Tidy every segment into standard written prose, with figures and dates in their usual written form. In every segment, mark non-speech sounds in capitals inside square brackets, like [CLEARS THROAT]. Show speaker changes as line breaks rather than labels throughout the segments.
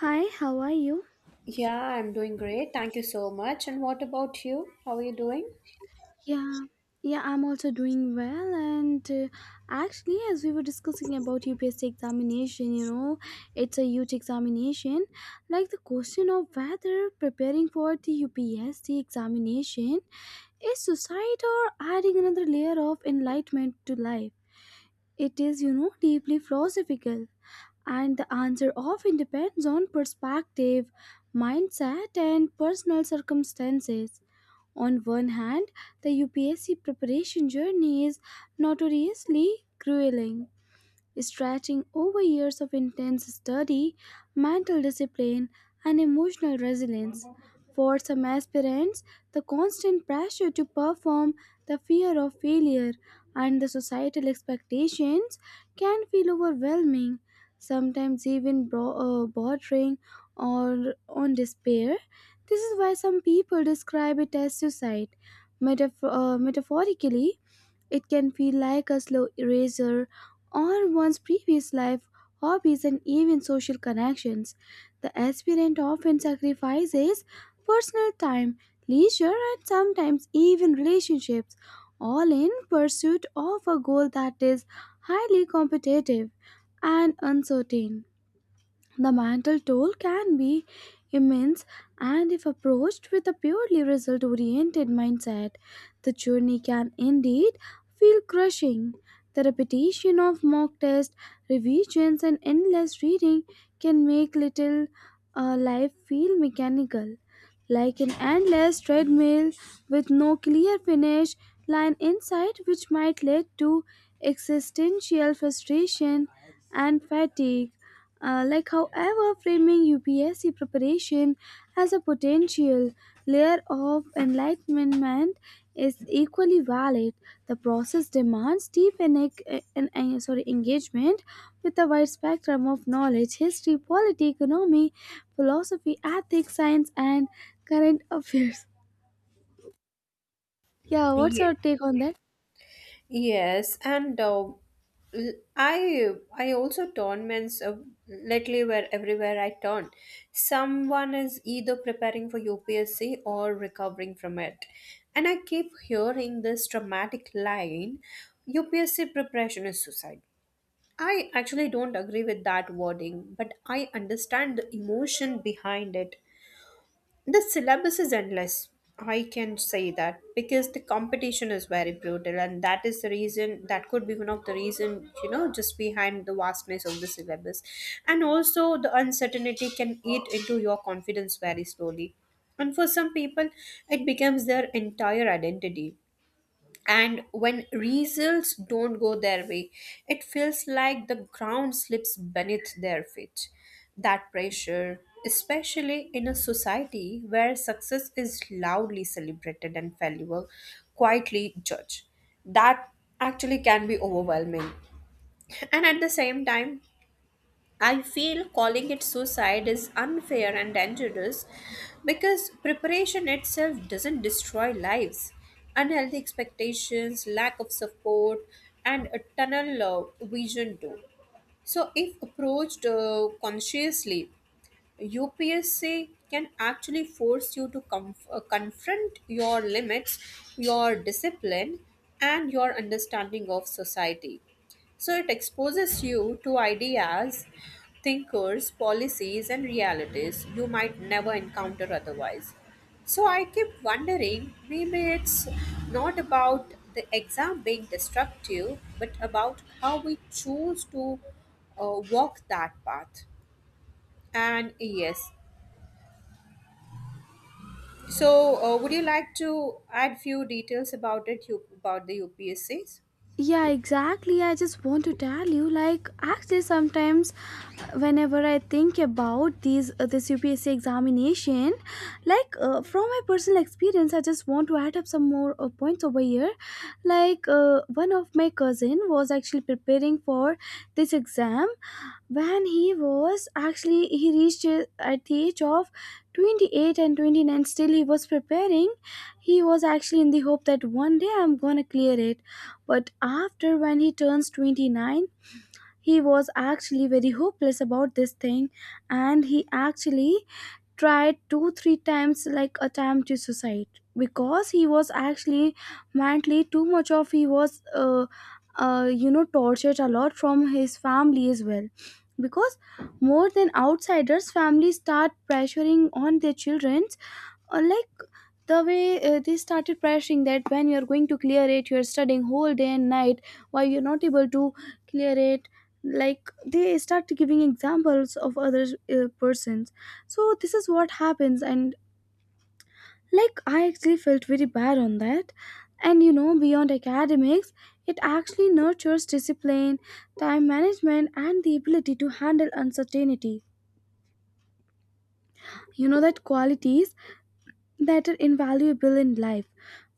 Hi, how are you?
Yeah, I'm doing great. Thank you so much. And what about you? How are you doing?
Yeah, yeah, I'm also doing well. And actually, as we were discussing about UPSC examination, you know, it's a huge examination. Like the question of whether preparing for the UPSC examination is suicide or adding another layer of enlightenment to life. It is, you know, deeply philosophical. And the answer often depends on perspective, mindset, and personal circumstances. On one hand, the UPSC preparation journey is notoriously grueling, stretching over years of intense study, mental discipline, and emotional resilience. For some aspirants, the constant pressure to perform, the fear of failure, and the societal expectations can feel overwhelming, sometimes even bordering or on despair. This is why some people describe it as suicide. Metaphorically, it can feel like a slow eraser on one's previous life, hobbies, and even social connections. The aspirant often sacrifices personal time, leisure, and sometimes even relationships, all in pursuit of a goal that is highly competitive and uncertain. The mental toll can be immense, and if approached with a purely result oriented mindset, the journey can indeed feel crushing. The repetition of mock tests, revisions, and endless reading can make little life feel mechanical, like an endless treadmill with no clear finish line in sight, which might lead to existential frustration and fatigue. However, framing UPSC preparation as a potential layer of enlightenment is equally valid. The process demands deep and, ec- and- sorry, engagement with a wide spectrum of knowledge, history, polity, economy, philosophy, ethics, science, and current affairs. Yeah, what's your
Yes.
take on that?
Yes, and uh, l- I I also turn means lately where everywhere I turn, someone is either preparing for UPSC or recovering from it, and I keep hearing this dramatic line, UPSC preparation is suicide. I actually don't agree with that wording, but I understand the emotion behind it. The syllabus is endless. I can say that because the competition is very brutal, and that is the reason that could be one of the reason, you know, just behind the vastness of the syllabus, and also the uncertainty can eat into your confidence very slowly. And for some people, it becomes their entire identity, and when results don't go their way, it feels like the ground slips beneath their feet. That pressure, especially in a society where success is loudly celebrated and failure quietly judged, that actually can be overwhelming. And at the same time, I feel calling it suicide is unfair and dangerous because preparation itself doesn't destroy lives. Unhealthy expectations, lack of support, and a tunnel vision do. So, if approached consciously, UPSC can actually force you to confront your limits, your discipline, and your understanding of society. So it exposes you to ideas, thinkers, policies, and realities you might never encounter otherwise. So I keep wondering, maybe it's not about the exam being destructive, but about how we choose to walk that path. And yes. So, would you like to add few details about it, you, about the UPSCs?
Yeah, exactly. I just want to tell you, like, actually, sometimes whenever I think about these this UPSC examination, from my personal experience, I just want to add up some more points over here. One of my cousin was actually preparing for this exam. When he was actually he reached at the age of 28 and 29, still he was preparing. He was actually in the hope that one day I'm gonna clear it, but after when he turns 29, he was actually very hopeless about this thing, and he actually tried 2 3 times, like attempt to suicide, because he was actually mentally too much of he was you know, tortured a lot from his family as well, because more than outsiders, families start pressuring on their children. Like the way they started pressuring, that when you're going to clear it, you're studying whole day and night, why you're not able to clear it? Like they start giving examples of other persons. So this is what happens. And like I actually felt very bad on that. And you know, beyond academics, it actually nurtures discipline, time management, and the ability to handle uncertainty. You know, that qualities that are invaluable in life.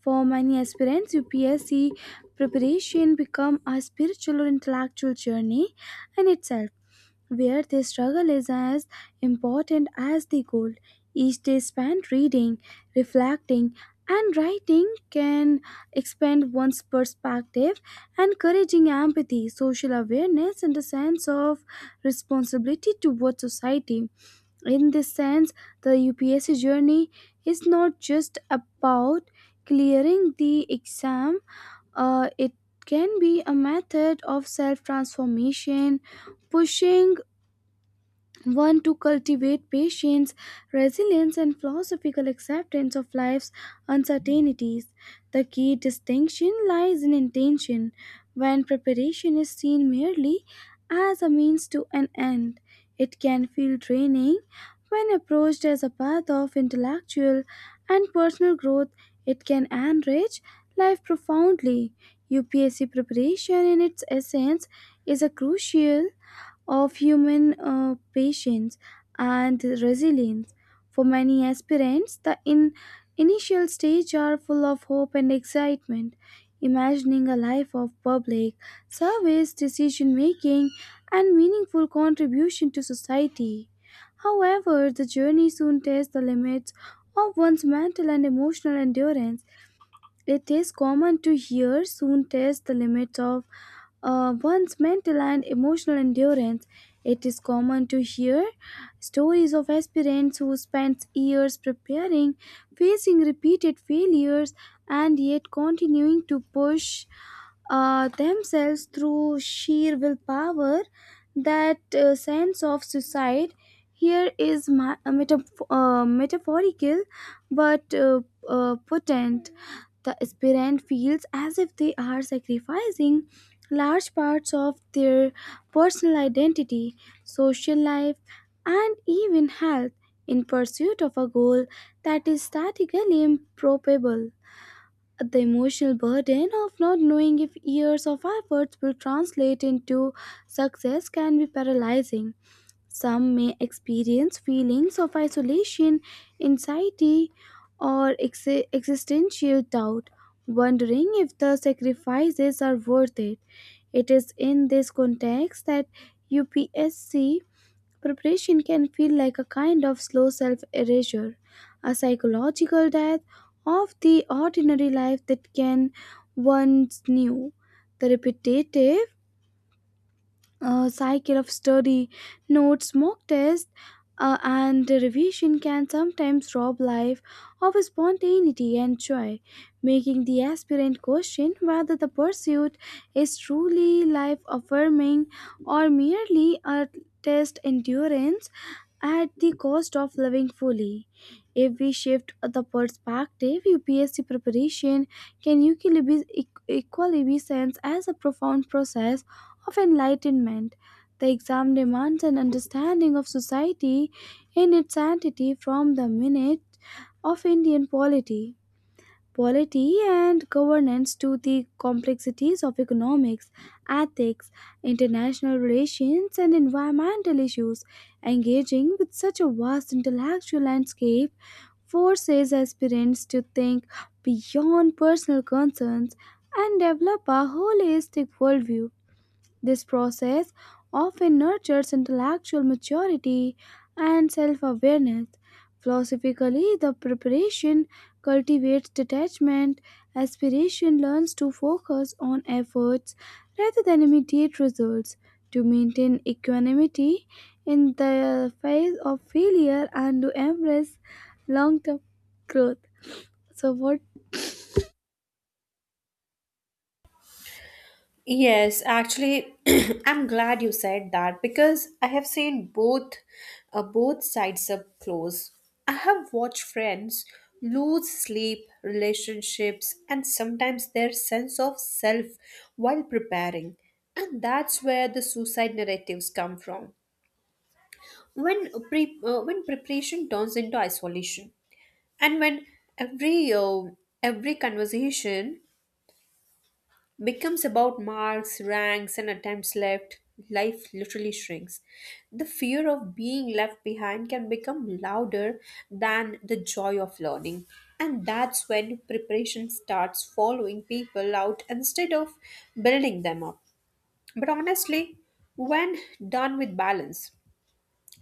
For many aspirants, UPSC preparation become a spiritual or intellectual journey in itself, where the struggle is as important as the goal. Each day spent reading, reflecting, and writing can expand one's perspective, encouraging empathy, social awareness, and a sense of responsibility towards society. In this sense, the UPSC journey is not just about clearing the exam, it can be a method of self transformation, pushing one to cultivate patience, resilience, and philosophical acceptance of life's uncertainties. The key distinction lies in intention, when preparation is seen merely as a means to an end. It can feel draining. When approached as a path of intellectual and personal growth, it can enrich life profoundly. UPSC preparation, in its essence, is a crucial of human patience and resilience. For many aspirants, the initial stage are full of hope and excitement, imagining a life of public service, decision making, and meaningful contribution to society. However, the journey soon tests the limits of one's mental and emotional endurance. It is common to hear soon test the limits of one's mental and emotional endurance. It is common to hear stories of aspirants who spent years preparing, facing repeated failures, and yet continuing to push themselves through sheer willpower. That sense of suicide here is metaphorical but potent. The aspirant feels as if they are sacrificing large parts of their personal identity, social life, and even health in pursuit of a goal that is statically improbable. The emotional burden of not knowing if years of efforts will translate into success can be paralyzing. Some may experience feelings of isolation, anxiety, or existential doubt, wondering if the sacrifices are worth it. It is in this context that UPSC preparation can feel like a kind of slow self erasure, a psychological death of the ordinary life that can once knew. The repetitive a cycle of study, notes, mock tests, and revision can sometimes rob life of spontaneity and joy, making the aspirant question whether the pursuit is truly life affirming or merely a test endurance at the cost of living fully. If we shift the perspective, UPSC preparation can equally be sensed as a profound process of enlightenment. The exam demands an understanding of society in its entity, from the minute of polity and governance to the complexities of economics, ethics, international relations, and environmental issues. Engaging with such a vast intellectual landscape forces aspirants to think beyond personal concerns and develop a holistic worldview. This process often nurtures intellectual maturity and self awareness. Philosophically, the preparation cultivates detachment. Aspiration learns to focus on efforts rather than immediate results, to maintain equanimity in the face of failure, and to embrace long term growth. So, what?
Yes, actually, [CLEARS THROAT] I'm glad you said that because I have seen both sides up close. I have watched friends lose sleep, relationships, and sometimes their sense of self while preparing. And that's where the suicide narratives come from. When preparation turns into isolation. And when every uh, every conversation becomes about marks, ranks, and attempts left, life literally shrinks. The fear of being left behind can become louder than the joy of learning. And that's when preparation starts following people out instead of building them up. But honestly, when done with balance,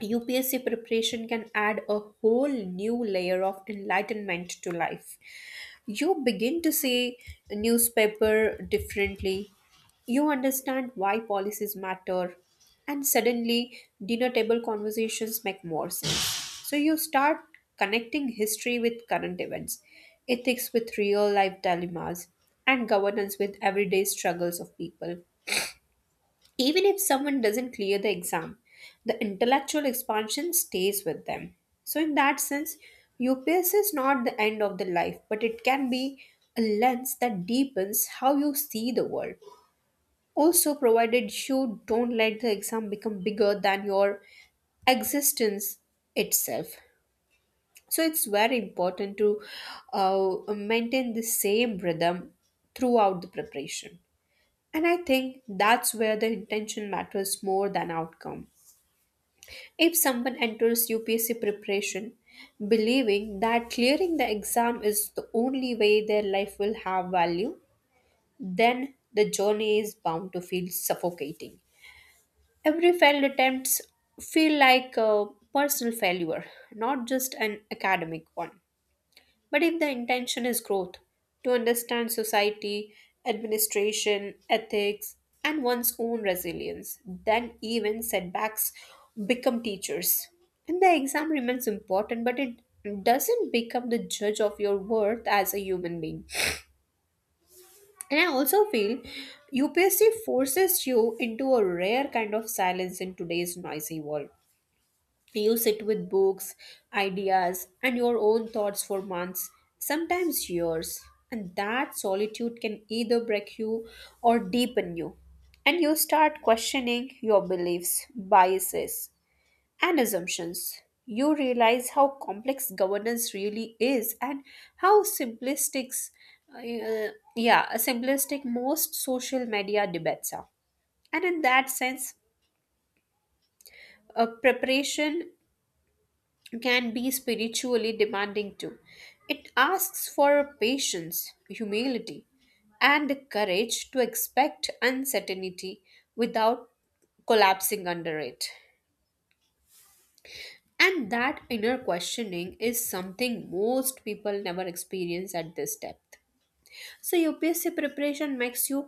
UPSC preparation can add a whole new layer of enlightenment to life. You begin to see newspaper differently. You understand why policies matter, and suddenly dinner table conversations make more sense. So you start connecting history with current events, ethics with real life dilemmas, and governance with everyday struggles of people. Even if someone doesn't clear the exam, the intellectual expansion stays with them. So, in that sense, UPS is not the end of the life, but it can be a lens that deepens how you see the world. Also, provided you don't let the exam become bigger than your existence itself. So, it's very important to maintain the same rhythm throughout the preparation. And I think that's where the intention matters more than outcome. If someone enters UPSC preparation believing that clearing the exam is the only way their life will have value, then the journey is bound to feel suffocating. Every failed attempts feel like a personal failure, not just an academic one. But if the intention is growth, to understand society, administration, ethics, and one's own resilience, then even setbacks become teachers. And the exam remains important, but it doesn't become the judge of your worth as a human being. And I also feel UPSC forces you into a rare kind of silence in today's noisy world. You sit with books, ideas, and your own thoughts for months, sometimes years. And that solitude can either break you or deepen you. And you start questioning your beliefs, biases, and assumptions. You realize how complex governance really is and how simplistic most social media debates are. And in that sense, preparation can be spiritually demanding too. It asks for patience, humility, and the courage to expect uncertainty without collapsing under it. And that inner questioning is something most people never experience at this depth. So, UPSC preparation makes you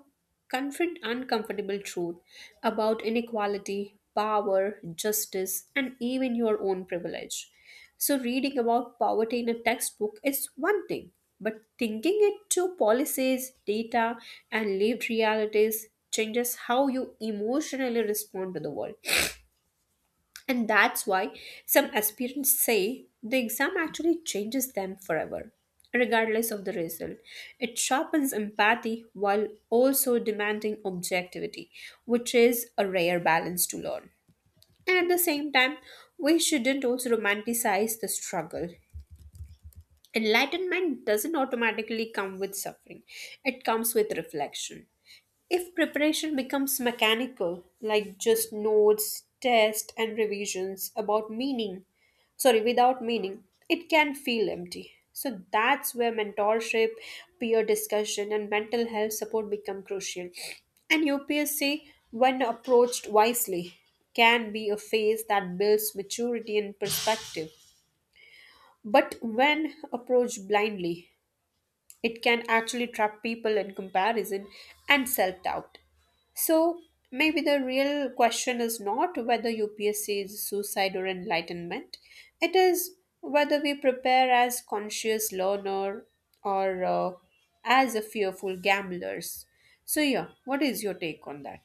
confront uncomfortable truth about inequality, power, justice, and even your own privilege. So, reading about poverty in a textbook is one thing, but thinking it to policies, data, and lived realities changes how you emotionally respond to the world. And that's why some aspirants say the exam actually changes them forever, regardless of the result. It sharpens empathy while also demanding objectivity, which is a rare balance to learn. And at the same time, we shouldn't also romanticize the struggle. Enlightenment doesn't automatically come with suffering, it comes with reflection. If preparation becomes mechanical, like just notes, tests, and revisions about meaning, sorry, without meaning, it can feel empty. So that's where mentorship, peer discussion, and mental health support become crucial. And UPSC, when approached wisely, can be a phase that builds maturity and perspective. But when approached blindly, it can actually trap people in comparison and self doubt. So, maybe the real question is not whether UPSC is suicide or enlightenment, it is whether we prepare as conscious learner or as a fearful gamblers. So, yeah, what is your take on that?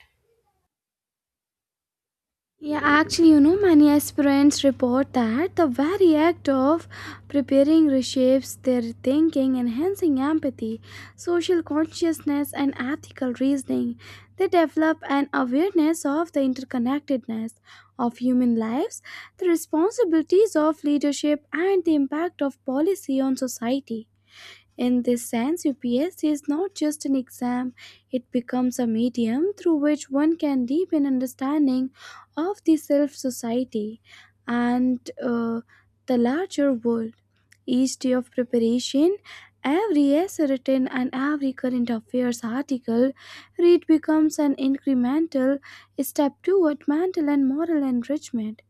Yeah, actually, you know, many aspirants report that the very act of preparing reshapes their thinking, enhancing empathy, social consciousness, and ethical reasoning. They develop an awareness of the interconnectedness of human lives, the responsibilities of leadership, and the impact of policy on society. In this sense, UPSC is not just an exam, it becomes a medium through which one can deepen understanding of the self society and the larger world. Each day of preparation, every essay written, and every current affairs article read becomes an incremental step toward mental and moral enrichment.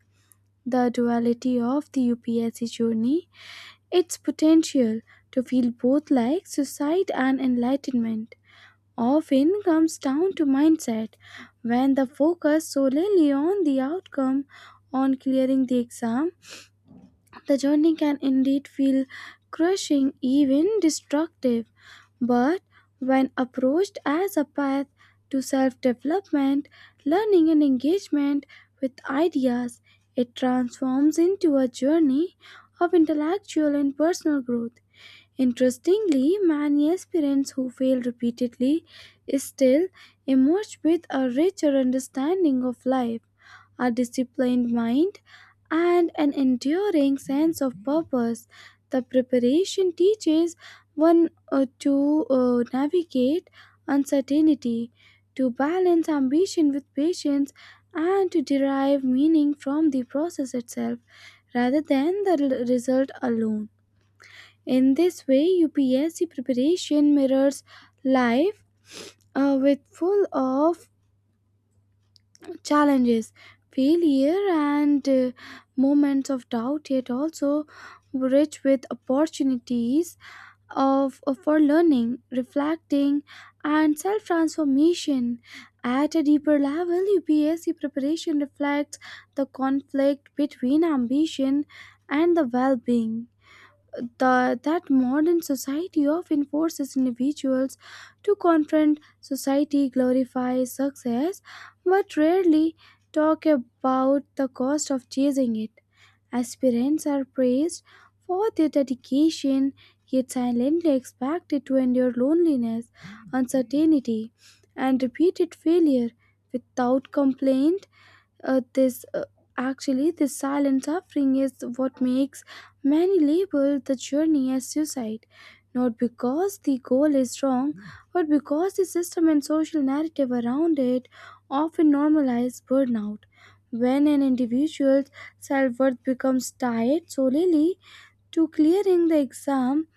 The duality of the UPSC journey, its potential to feel both like suicide and enlightenment, often comes down to mindset. When the focus solely on the outcome, on clearing the exam, the journey can indeed feel crushing, even destructive. But when approached as a path to self-development, learning, and engagement with ideas, it transforms into a journey of intellectual and personal growth. Interestingly, many aspirants who fail repeatedly still emerge with a richer understanding of life, a disciplined mind, and an enduring sense of purpose. The preparation teaches one to navigate uncertainty, to balance ambition with patience, and to derive meaning from the process itself rather than the result alone. In this way, UPSC preparation mirrors life, with full of challenges, failure, and moments of doubt, yet also rich with opportunities for learning, reflecting, and self transformation. At a deeper level, UPSC preparation reflects the conflict between ambition and the well being, that modern society often forces individuals to confront. Society glorifies success, but rarely talk about the cost of chasing it. Aspirants are praised for their dedication, yet silently expected to endure loneliness, uncertainty, and repeated failure without complaint. This Actually, this silent suffering is what makes many label the journey as suicide, not because the goal is wrong, but because the system and social narrative around it often normalize burnout. When an individual's self worth becomes tied solely to clearing the exam,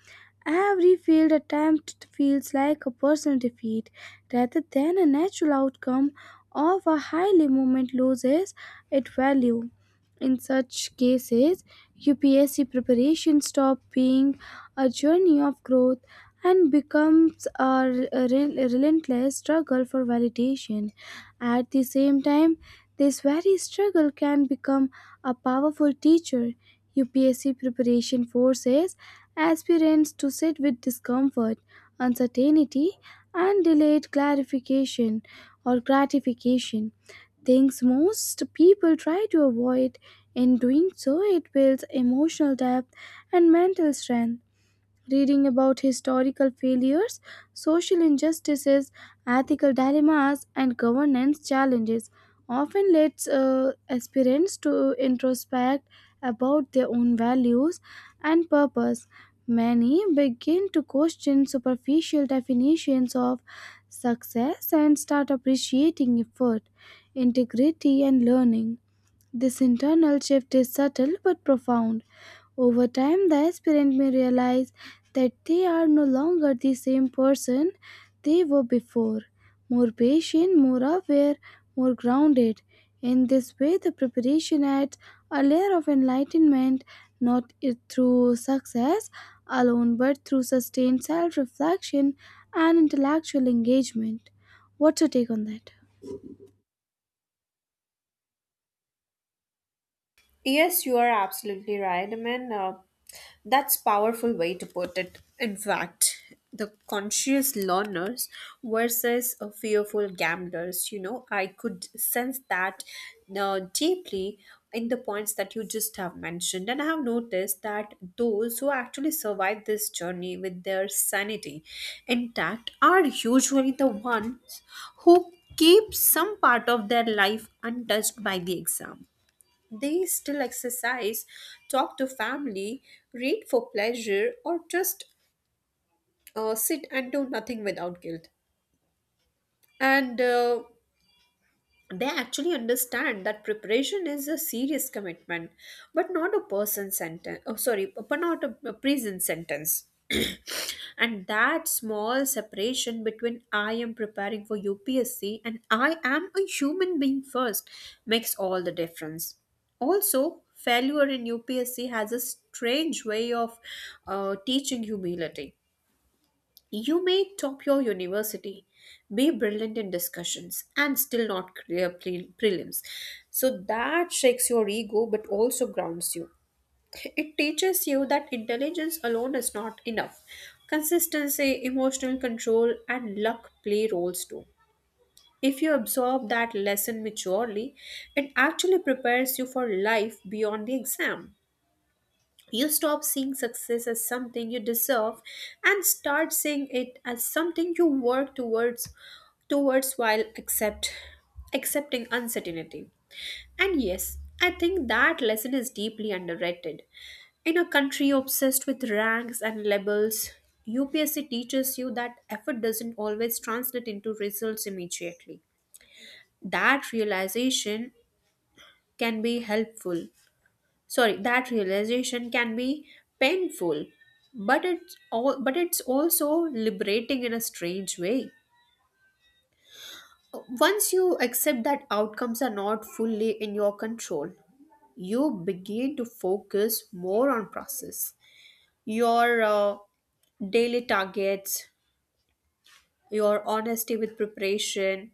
every failed attempt feels like a personal defeat rather than a natural outcome of a highly moment loses its value. In such cases, UPSC preparation stops being a journey of growth and becomes a relentless struggle for validation. At the same time, this very struggle can become a powerful teacher. UPSC preparation forces aspirants to sit with discomfort, uncertainty, and delayed clarification or gratification, things most people try to avoid. In doing so, it builds emotional depth and mental strength. Reading about historical failures, social injustices, ethical dilemmas, and governance challenges often leads aspirants to introspect about their own values and purpose. Many begin to question superficial definitions of success and start appreciating effort, integrity, and learning. This internal shift is subtle but profound. Over time, the aspirant may realize that they are no longer the same person they were before, more patient, more aware, more grounded. In this way, the preparation adds a layer of enlightenment, not through success alone, but through sustained self reflection and intellectual engagement. What's your take on that?
Yes, you are absolutely right. I mean, that's powerful way to put it. In fact, the conscious learners versus fearful gamblers. You know, I could sense that deeply in the points that you just have mentioned, and I have noticed that those who actually survive this journey with their sanity intact are usually the ones who keep some part of their life untouched by the exam. They still exercise, talk to family, read for pleasure, or just sit and do nothing without guilt. And they actually understand that preparation is a serious commitment, but not a person sentence oh sorry but not a, a prison sentence. [CLEARS THROAT] And that small separation between I am preparing for UPSC and I am a human being first makes all the difference. Also, failure in UPSC has a strange way of teaching humility. You may top your university, be brilliant in discussions, and still not clear prelims. So that shakes your ego but also grounds you. It teaches you that intelligence alone is not enough. Consistency, emotional control, and luck play roles too. If you absorb that lesson maturely, it actually prepares you for life beyond the exam. You stop seeing success as something you deserve and start seeing it as something you work towards while accepting uncertainty. And yes, I think that lesson is deeply underrated. In a country obsessed with ranks and labels, UPSC teaches you that effort doesn't always translate into results immediately. That realization can be helpful that realization can be painful, but it's also liberating in a strange way. Once you accept that outcomes are not fully in your control, you begin to focus more on process, your daily targets, your honesty with preparation,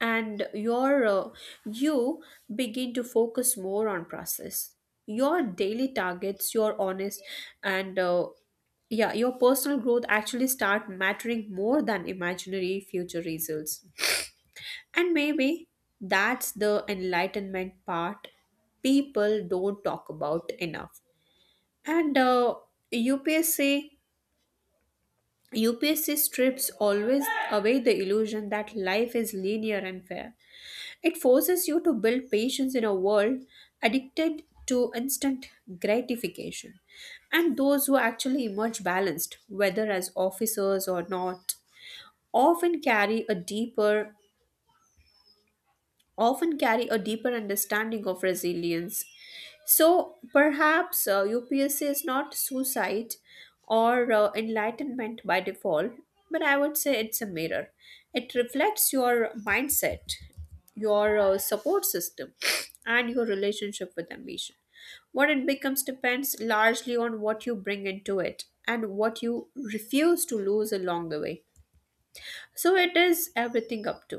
and your you begin to focus more on process, your daily targets, your honest, and yeah, your personal growth actually start mattering more than imaginary future results. And maybe that's the enlightenment part people don't talk about enough. And upsc UPSC strips always away the illusion that life is linear and fair. It forces you to build patience in a world addicted to instant gratification. And those who actually emerge balanced, whether as officers or not, often carry a deeper often carry a deeper understanding of resilience. So perhaps UPSC is not suicide or enlightenment by default, but I would say it's a mirror. It reflects your mindset, your support system, and your relationship with ambition. What it becomes depends largely on what you bring into it and what you refuse to lose along the way. So it is everything up to.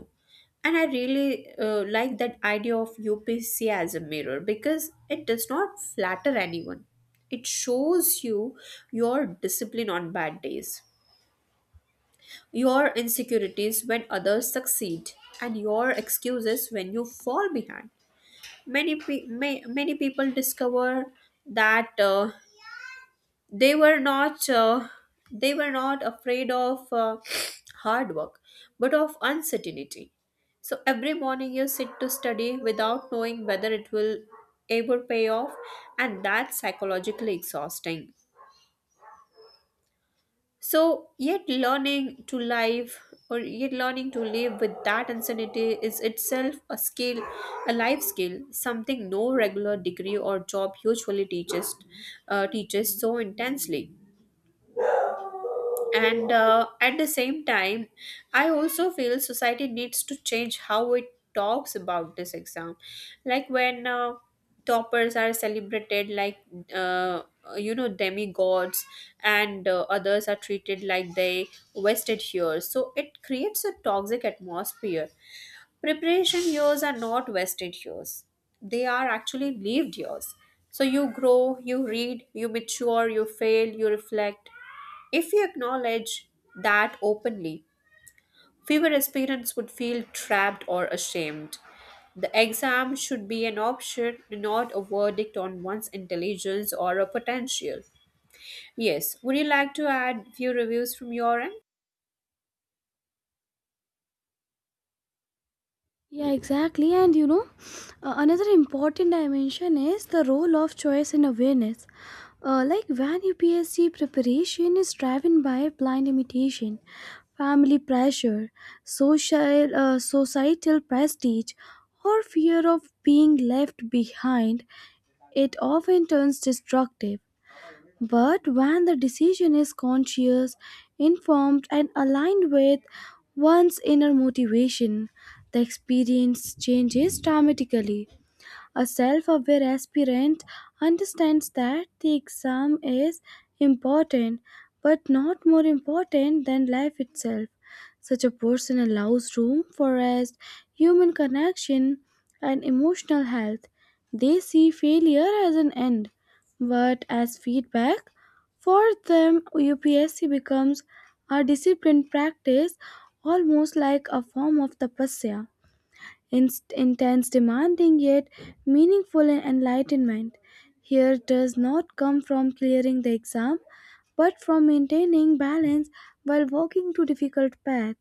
And I really like that idea of UPC as a mirror because it does not flatter anyone. It shows you your discipline on bad days, your insecurities when others succeed, and your excuses when you fall behind. Many people discover that they were not uh, they were not afraid of [SNIFFS] hard work, but of uncertainty. So every morning you sit to study without knowing whether it will ever pay off, and that's psychologically exhausting. So yet learning to live with that uncertainty is itself a skill, a life skill, something no regular degree or job usually teaches so intensely. And at the same time, I also feel society needs to change how it talks about this exam. Like when toppers are celebrated like uh, you know, demigods, and others are treated like they wasted years, so it creates a toxic atmosphere. Preparation years are not wasted years, they are actually lived years. So you grow, you read, you mature, you fail, you reflect. If we acknowledge that openly, fewer aspirants would feel trapped or ashamed. The exam should be an option, not a verdict on one's intelligence or a potential. Yes, would you like to add few reviews from your end?
Yeah, exactly. And you know, another important dimension is the role of choice and awareness. Like when UPSC preparation is driven by blind imitation, family pressure, social societal prestige, or fear of being left behind, it often turns destructive. But when the decision is conscious, informed, and aligned with one's inner motivation, the experience changes dramatically. A self aware aspirant understands that the exam is important but not more important than life itself. Such a person allows room for rest, human connection, and emotional health. They see failure as an end, but as feedback. For them, UPSC becomes a disciplined practice almost like a form of tapasya intense, demanding, yet meaningful and enlightenment. Here does not come from clearing the exam, but from maintaining balance while walking to difficult path.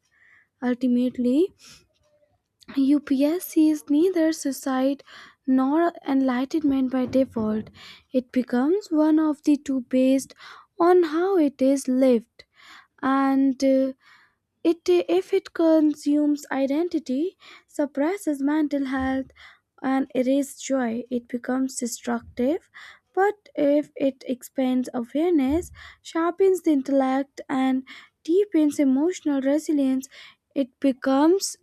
Ultimately, UPSC is neither suicide nor enlightenment by default. It becomes one of the two based on how it is lived and if it consumes identity, suppresses mental health, and erases joy, it becomes destructive. But if it expands awareness, sharpens the intellect, and deepens emotional resilience, it becomes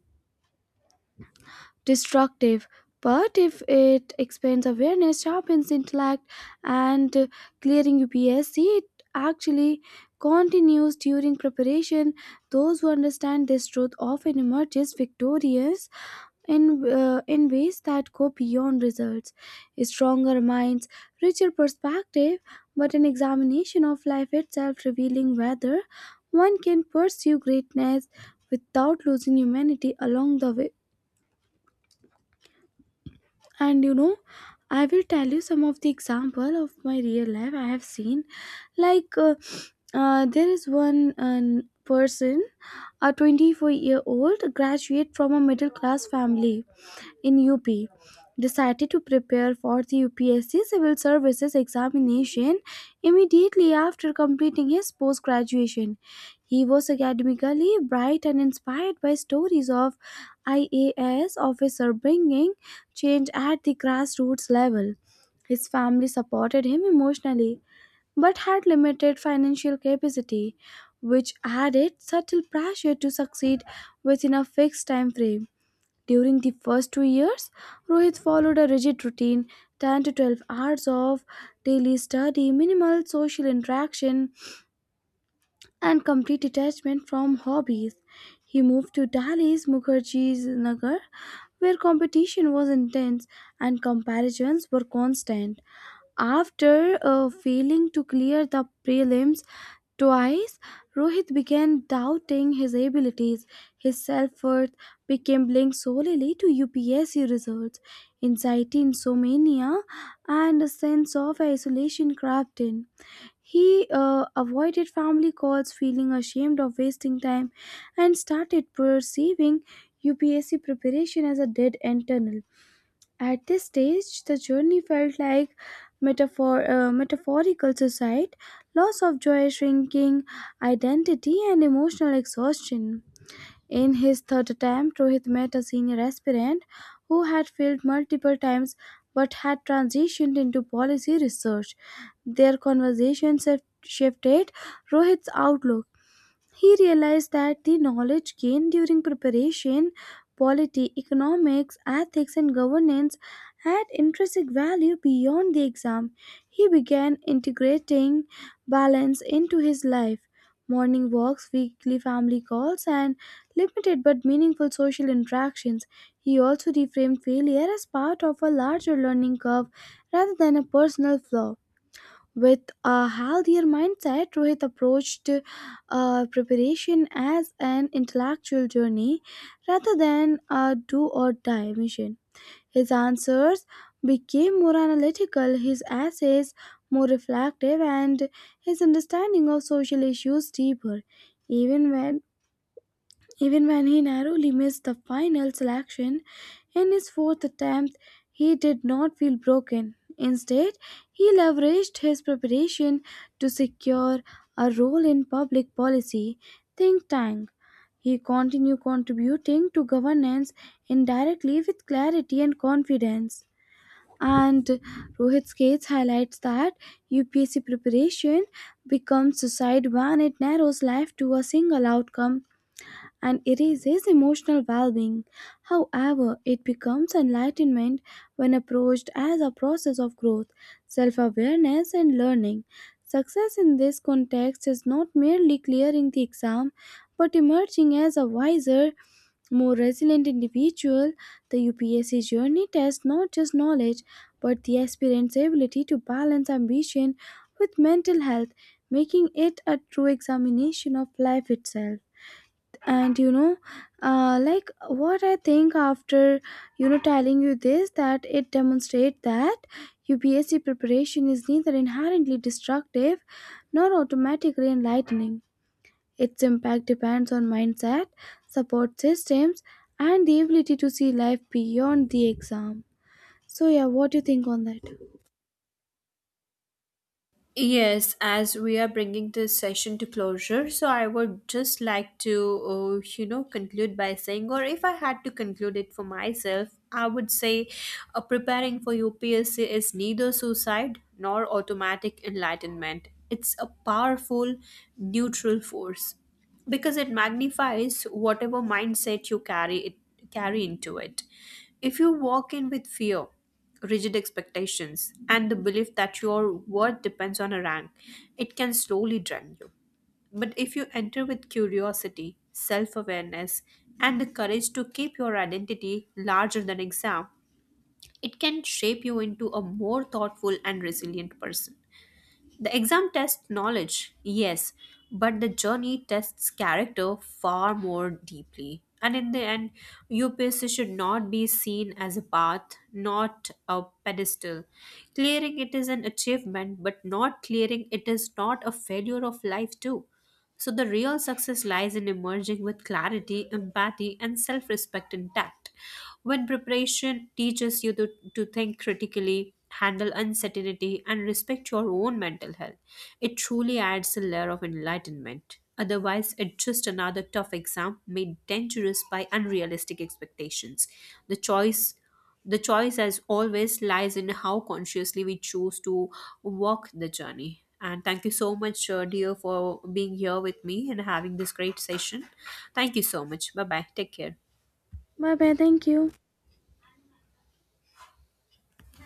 destructive. But if it expands awareness, sharpens intellect, and clearing UPSC, it actually continues during preparation. Those who understand this truth often emerges victorious in ways that go beyond results. Stronger minds, richer perspective, but an examination of life itself revealing whether one can pursue greatness without losing humanity along the way. And you know, I will tell you some of the example of my real life I have seen. Like there is one person, a 24-year-old graduate from a middle class family in UP decided to prepare for the UPSC Civil Services examination immediately after completing his post graduation. He was academically bright and inspired by stories of IAS officer bringing change at the grassroots level. His family supported him emotionally but had limited financial capacity, which added subtle pressure to succeed within a fixed time frame. During the first 2 years, Rohit followed a rigid routine, 10 to 12 hours of daily study, minimal social interaction, and complete detachment from hobbies. He moved to Delhi's Mukherjee's Nagar, where competition was intense and comparisons were constant. After failing to clear the prelims twice, Rohit began doubting his abilities. His self worth became linked solely to UPSC results, anxiety, insomnia, and a sense of isolation crept in. He avoided family calls, feeling ashamed of wasting time, and started perceiving UPSC preparation as a dead end tunnel. At this stage, the journey felt like metaphorical suicide, loss of joy, shrinking identity, and emotional exhaustion. In his third attempt, Rohit met a senior aspirant who had failed multiple times but had transitioned into policy research. Their conversation shifted Rohit's outlook. He realized that the knowledge gained during preparation, polity, economics, ethics, and governance had intrinsic value beyond the exam. He began integrating balance into his life. Morning walks, weekly family calls, and limited but meaningful social interactions. He also reframed failure as part of a larger learning curve rather than a personal flaw. With a healthier mindset, Rohit approached preparation as an intellectual journey rather than a do or die mission. His answers became more analytical, his essays more reflective, and his understanding of social issues deeper. Even when Even when he narrowly missed the final selection in his fourth attempt, he did not feel broken. Instead, he leveraged his preparation to secure a role in public policy think tank. He continued contributing to governance indirectly with clarity and confidence. And Rohit Skates highlights that UPSC preparation becomes suicide when it narrows life to a single outcome and erases emotional well being. However, it becomes enlightenment when approached as a process of growth, self awareness, and learning. Success in this context is not merely clearing the exam but emerging as a wiser, more resilient individual. The UPSC journey tests not just knowledge but the aspirant's ability to balance ambition with mental health, making it a true examination of life itself. And you know, like what I think after telling you this, that it demonstrates that UPSC preparation is neither inherently destructive nor automatically enlightening. Its impact depends on mindset, support systems, and the ability to see life beyond the exam. So yeah, what do you think on that?
Yes, as we are bringing this session to closure, so I would just like to, conclude by saying, or if I had to conclude it for myself, I would say preparing for UPSC is neither suicide nor automatic enlightenment. It's a powerful neutral force because it magnifies whatever mindset you carry into it. If you walk in with fear, rigid expectations, and the belief that your worth depends on a rank, it can slowly drain you. But if you enter with curiosity, self awareness, and the courage to keep your identity larger than exam, it can shape you into a more thoughtful and resilient person. The exam tests knowledge, yes, but the journey tests character far more deeply. And in the end, UPSC should not be seen as a path, not a pedestal. Clearing it is an achievement, but not clearing it is not a failure of life, too. So the real success lies in emerging with clarity, empathy, and self respect intact. When preparation teaches you to think critically, handle uncertainty, and respect your own mental health, it truly adds a layer of enlightenment. Otherwise, it's just another tough exam made dangerous by unrealistic expectations. The choice the choice, as always, lies in how consciously we choose to walk the journey. And thank you so much, dear, for being here with me and having this great session. Thank you so much. Bye bye. Take care.
Bye bye, thank you.